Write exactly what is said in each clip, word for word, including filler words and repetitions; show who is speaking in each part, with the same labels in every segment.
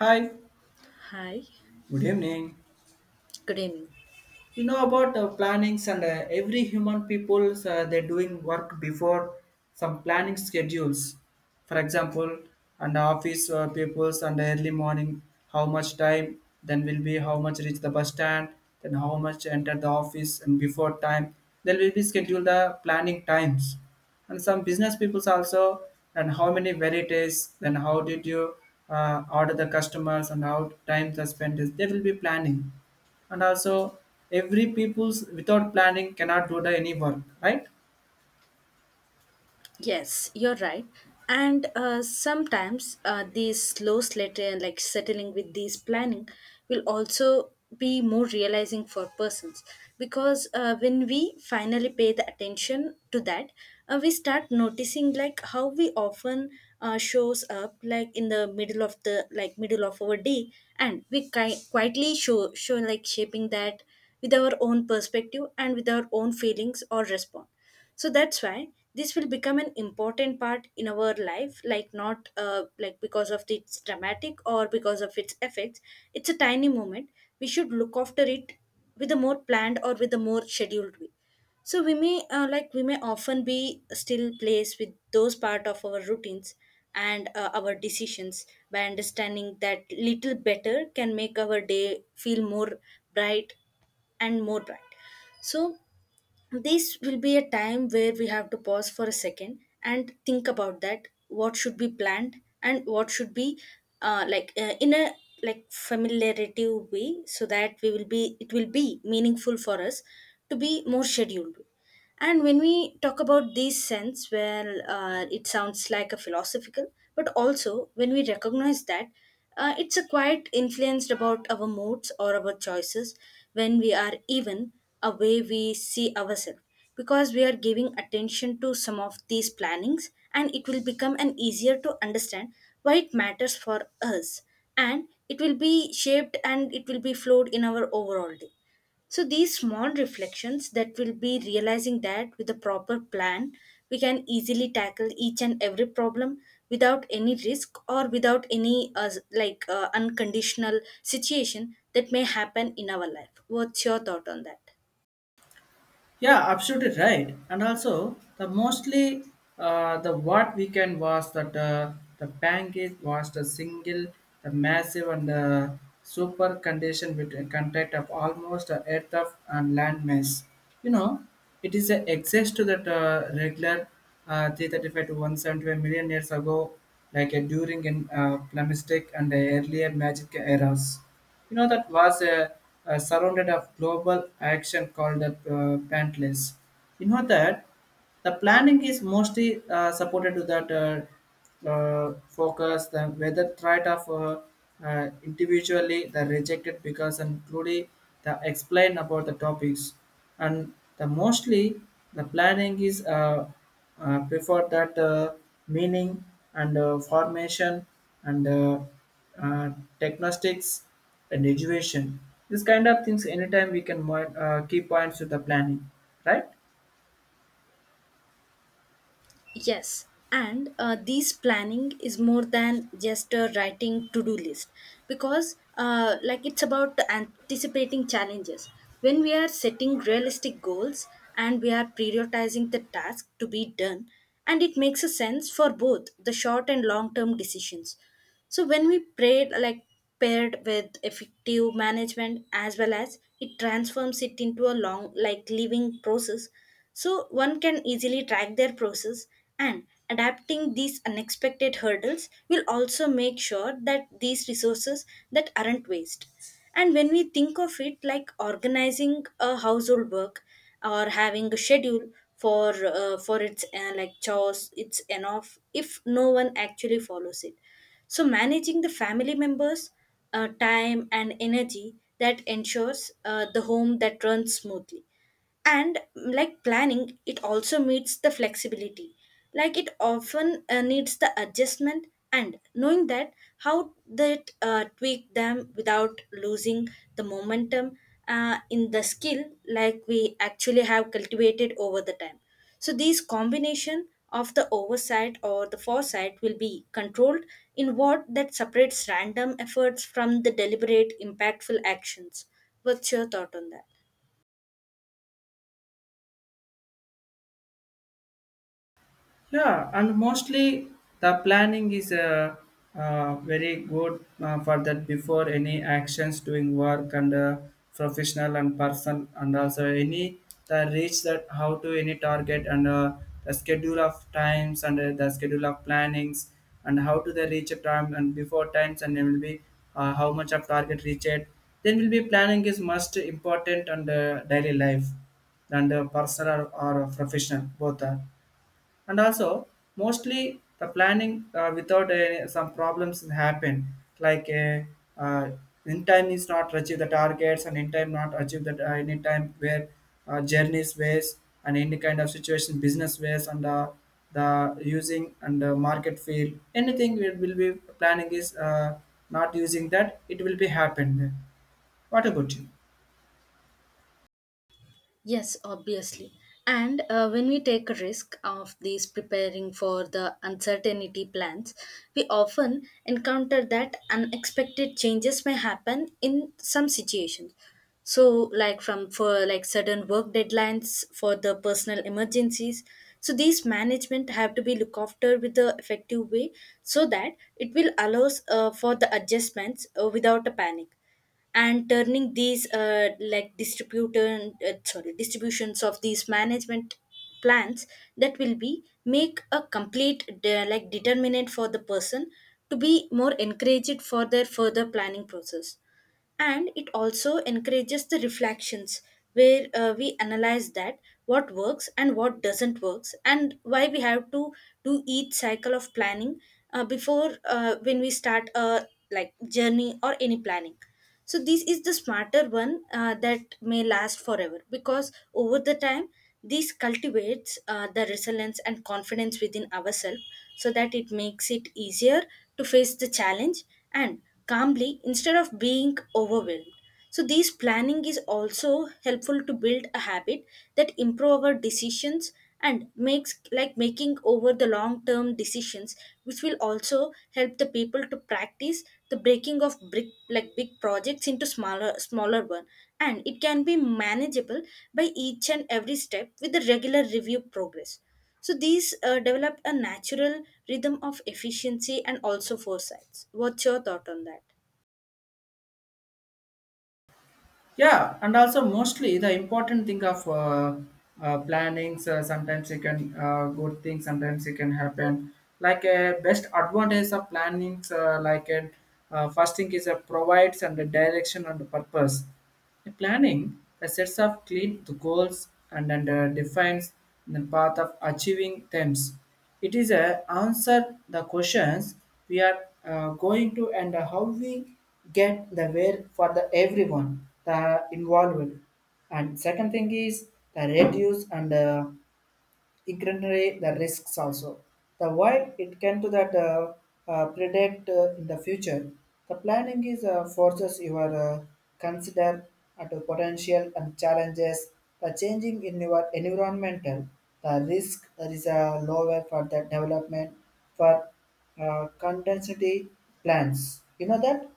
Speaker 1: Hi,
Speaker 2: Hi,
Speaker 1: good evening.
Speaker 2: good evening.
Speaker 1: You know about uh, plannings and uh, every human peoples uh, they're doing work before some planning schedules, for example, and office uh, peoples and early morning, how much time, then will be how much reach the bus stand, then how much enter the office and before time, there will be schedule the planning times. And some business peoples also, and how many varieties, then how did you uh, order the customers and how time the spend is they will be planning. And also every people's without planning cannot do the any work, right?
Speaker 2: Yes, you're right. And uh, Sometimes uh, these slow slater like settling with these planning will also be more realizing for persons because, uh, when we finally pay the attention to that, uh, we start noticing like how we often uh, shows up like in the middle of the like middle of our day, and we ki- quietly show show like shaping that with our own perspective and with our own feelings or response. So that's why this will become an important part in our life, like not uh, like because of its dramatic or because of its effects. It's a tiny moment, we should look after it with a more planned or with a more scheduled way. So we may uh, like we may often be still placed with those part of our routines and uh, our decisions, by understanding that little better can make our day feel more bright and more bright. So this will be a time where we have to pause for a second and think about that what should be planned, and what should be uh, like uh, in a like familiarity way, so that we will be it will be meaningful for us to be more scheduled. And when we talk about these sense, well, uh, it sounds like a philosophical, but also when we recognize that uh, it's a quite influenced about our moods or our choices, when we are even a way we see ourselves, because we are giving attention to some of these plannings, and it will become an easier to understand why it matters for us, and it will be shaped and it will be flowed in our overall day. So these small reflections that will be realizing that with a proper plan, we can easily tackle each and every problem without any risk or without any uh, like uh, unconditional situation that may happen in our life. What's your thought on that?
Speaker 1: Yeah, absolutely right. And also, the mostly uh, the what we can was that uh, the bank is was the single, the massive and the super condition with a contact of almost a earth of and land mass. You know, it is a access to that uh, regular uh, three thirty-five to one hundred seventy-five million years ago, like uh, during in uh, Plamistic and the earlier magic eras. You know, that was a, a surrounded of global action called the uh, Pantless. You know that the planning is mostly uh, supported to that uh, uh, focus the whether tried of uh, uh, individually the rejected because and truly the explain about the topics. And the mostly the planning is uh, uh, prefer that uh, meaning and uh, formation and uh, uh, diagnostics and education. This kind of things anytime we can mo- uh, key points to the planning, right?
Speaker 2: Yes, and uh, this planning is more than just a writing to do list because, uh, like, it's about anticipating challenges. When we are setting realistic goals and we are prioritizing the task to be done, and it makes a sense for both the short and long term decisions. So when we prayed like paired with effective management as well as it transforms it into a long like living process. So one can easily track their process, and adapting these unexpected hurdles will also make sure that these resources that aren't waste. And when we think of it like organizing a household work or having a schedule for uh, for its uh, like chores, it's enough if no one actually follows it. So, managing the family members, uh, time, and energy that ensures uh, the home that runs smoothly, and mm, like planning it also meets the flexibility like it often uh, needs the adjustment, and knowing that how that uh, tweak them without losing the momentum uh, in the skill like we actually have cultivated over the time. So these combination of the oversight or the foresight will be controlled in what that separates random efforts from the deliberate impactful actions. What's your thought on that?
Speaker 1: Yeah, and mostly the planning is uh, uh, very good uh, for that before any actions doing work and uh, professional and person, and also any the reach that how to any target and uh, the schedule of times and uh, the schedule of plannings, and how to the reach a time and before times, and then will be uh, how much of target reach it, then will be planning is most important. And uh, daily life and uh, personal or, or professional, both are. And also mostly the planning uh, without uh, some problems happen, like uh, uh, in time is not achieve the targets, and in time not achieve that uh, any time where uh, journeys ways and any kind of situation business ways and uh, the using and the market field anything we will be planning is uh, not using, that it will be happened. What about you?
Speaker 2: Yes, obviously. And uh, When we take a risk of these preparing for the uncertainty plans, we often encounter that unexpected changes may happen in some situations. So, like from for like sudden work deadlines for the personal emergencies. So these management have to be looked after with the effective way so that it will allows uh, for the adjustments uh, without a panic, and turning these uh, like distributor uh, sorry distributions of these management plans that will be make a complete de- like determinant for the person to be more encouraged for their further planning process. And it also encourages the reflections where uh, we analyze that what works and what doesn't works, and why we have to do each cycle of planning uh, before uh, when we start a like journey or any planning. So this is the smarter one uh, that may last forever because over the time this cultivates uh, the resilience and confidence within ourselves, so that it makes it easier to face the challenge and calmly instead of being overwhelmed. So, this planning is also helpful to build a habit that improve our decisions and makes like making over the long term decisions, which will also help the people to practice the breaking of brick like big projects into smaller smaller one, and it can be manageable by each and every step with the regular review progress. So these uh, develop a natural rhythm of efficiency and also foresights. What's your thought on that?
Speaker 1: Yeah, and also mostly the important thing of uh, uh, planning, so sometimes it can uh, good thing, sometimes it can happen, like a best advantage of planning uh, like a uh, first thing is a provides and the direction and the purpose. The planning the sets of clean the goals and, and uh, defines the path of achieving them. It is a answer the questions we are uh, going to and how we get the where for the everyone the involved. And second thing is the reduce and uh, ignorate the risks also. The why it can to that uh, uh, predict uh, in the future. The planning is uh, forces you are uh, consider at the potential and challenges. The changing in your environmental, the risk there is a lower for the development for uh, contingency plans. You know that.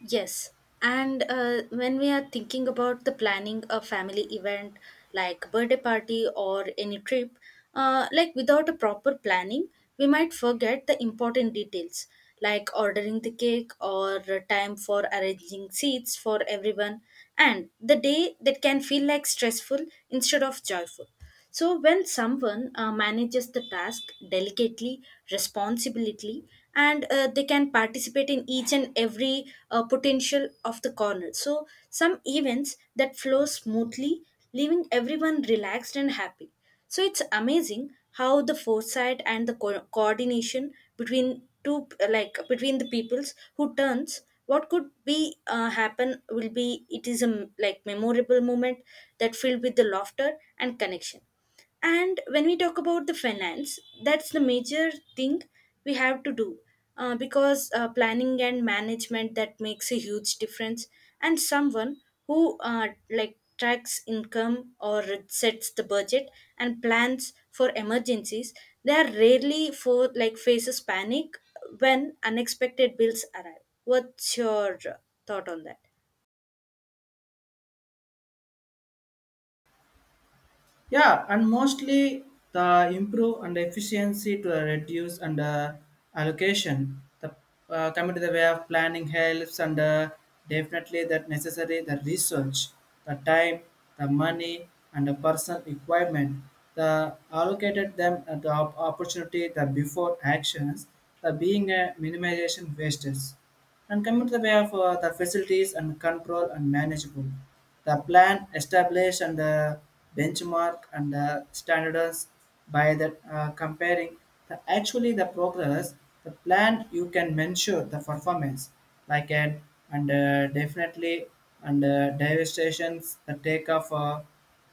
Speaker 2: Yes, and uh, when we are thinking about the planning a family event like birthday party or any trip, uh, like without a proper planning, we might forget the important details like ordering the cake or time for arranging seats for everyone, and the day that can feel like stressful instead of joyful. So, when someone uh, manages the task delicately, responsibility, and uh, they can participate in each and every uh, potential of the corner. So, some events that flow smoothly, leaving everyone relaxed and happy. So, it's amazing how the foresight and the co- coordination between two like between the peoples who turns what could be uh, happen will be it is a m- like memorable moment that filled with the laughter and connection. And when we talk about the finance, that's the major thing we have to do uh, because uh, planning and management that makes a huge difference. And someone who uh, like tracks income or sets the budget and plans for emergencies, they are rarely for like faces panic when unexpected bills arrive. What's your uh, thought on that?
Speaker 1: Yeah, and mostly the improve and efficiency to reduce and uh, allocation. The uh, coming to the way of planning helps, and uh, definitely that necessary the research, the time, the money, and the personal requirement. The allocated them at the op- opportunity the before actions, the being a minimization wastes. And coming to the way of uh, the facilities and control and manageable. The plan established and the benchmark and the standards by the uh, comparing the actually the progress, the plan you can measure the performance like an, and uh, definitely and uh, devastations the take of uh,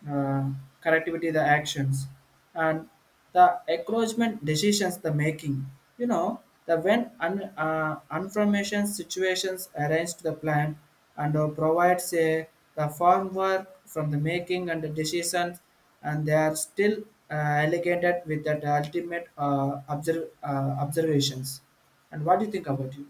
Speaker 1: uh, correctivity the actions and the encroachment decisions the making. You know, the when un, uh, information situations arranged the plan and uh, provides a the farm work from the making and the decisions, and they are still uh, allocated with that ultimate uh, observ- uh, observations. And what do you think about it?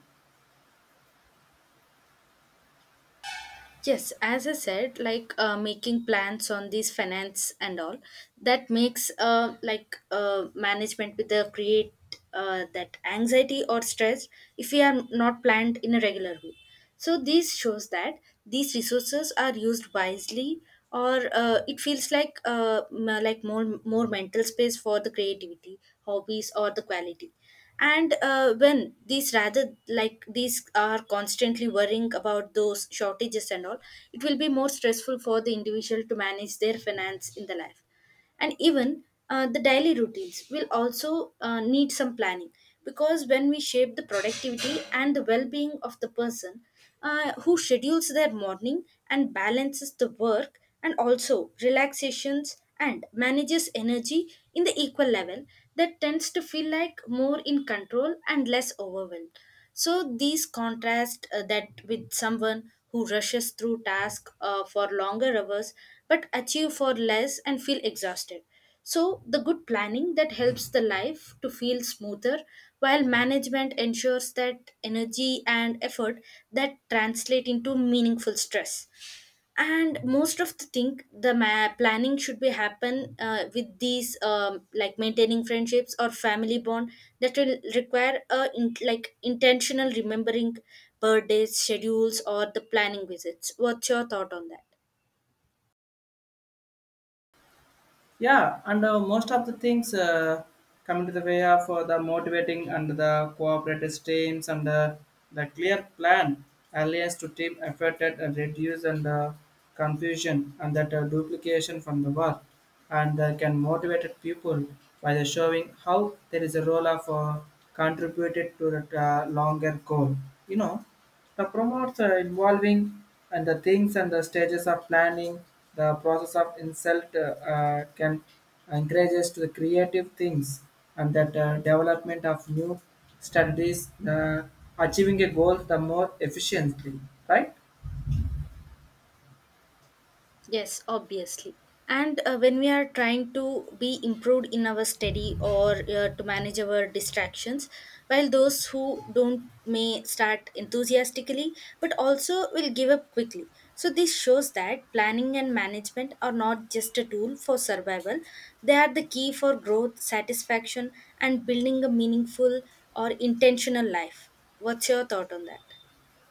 Speaker 2: Yes, as I said, like uh, making plans on these finance and all, that makes uh, like uh, management with the create uh, that anxiety or stress if we are not planned in a regular way. So this shows that these resources are used wisely, or uh, it feels like uh, m- like more more mental space for the creativity, hobbies, or the quality. And uh, when these rather like these are constantly worrying about those shortages and all, it will be more stressful for the individual to manage their finance in the life. And even uh, the daily routines will also uh, need some planning, because when we shape the productivity and the well-being of the person uh, who schedules their morning and balances the work and also relaxations and manages energy in the equal level, that tends to feel like more in control and less overwhelmed. So these contrast uh, that with someone who rushes through tasks uh, for longer hours but achieve for less and feel exhausted. So the good planning that helps the life to feel smoother, while management ensures that energy and effort that translate into meaningful stress. And most of the thing the ma- planning should be happen uh, with these um, like maintaining friendships or family bond that will require a in- like intentional remembering birthdays schedules or the planning visits. What's your thought on that?
Speaker 1: Yeah, and uh, most of the things uh, come into the way of uh, the motivating and the cooperative teams and uh, the clear plan alliance to team effort and reduce and uh, confusion and that uh, duplication from the work, and uh, can motivate people by the showing how there is a role of uh, contributed to the uh, longer goal. You know, the promotes are involving and the things and the stages of planning, the process of insult uh, uh, can encourage us to the creative things and that uh, development of new strategies, the achieving a goal the more efficiently, right?
Speaker 2: Yes, obviously. And uh, When we are trying to be improved in our study or uh, to manage our distractions, while those who don't may start enthusiastically but also will give up quickly. So, this shows that planning and management are not just a tool for survival, they are the key for growth, satisfaction, and building a meaningful or intentional life. What's your thought on that?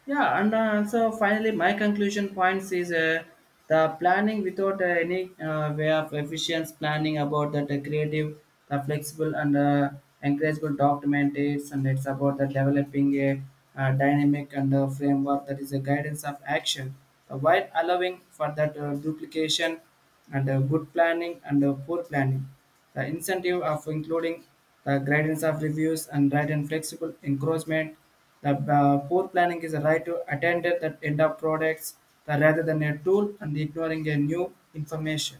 Speaker 1: Yeah, and uh, so finally, my conclusion points is uh, the planning without uh, any uh, way of efficient planning about that uh, creative, the flexible and uh, encourageable document is, and it's about the developing a uh, dynamic and uh, framework that is a guidance of action, uh, while allowing for that uh, duplication and uh, good planning and uh, poor planning. The incentive of including the guidance of reviews and right and flexible encroachment, the uh, poor planning is a right to attend at the end of products the, rather than a tool and ignoring a new information.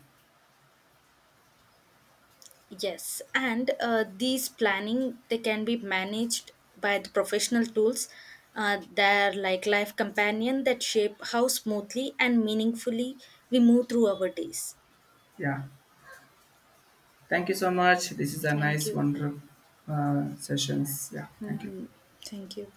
Speaker 2: Yes, and uh, these planning they can be managed by the professional tools. Uh, they're like life companion that shape how smoothly and meaningfully we move through our days.
Speaker 1: Yeah. Thank you so much. This is a
Speaker 2: Thank
Speaker 1: nice,
Speaker 2: you.
Speaker 1: wonderful uh, sessions. Yeah. Thank you.
Speaker 2: Hmm. Thank you.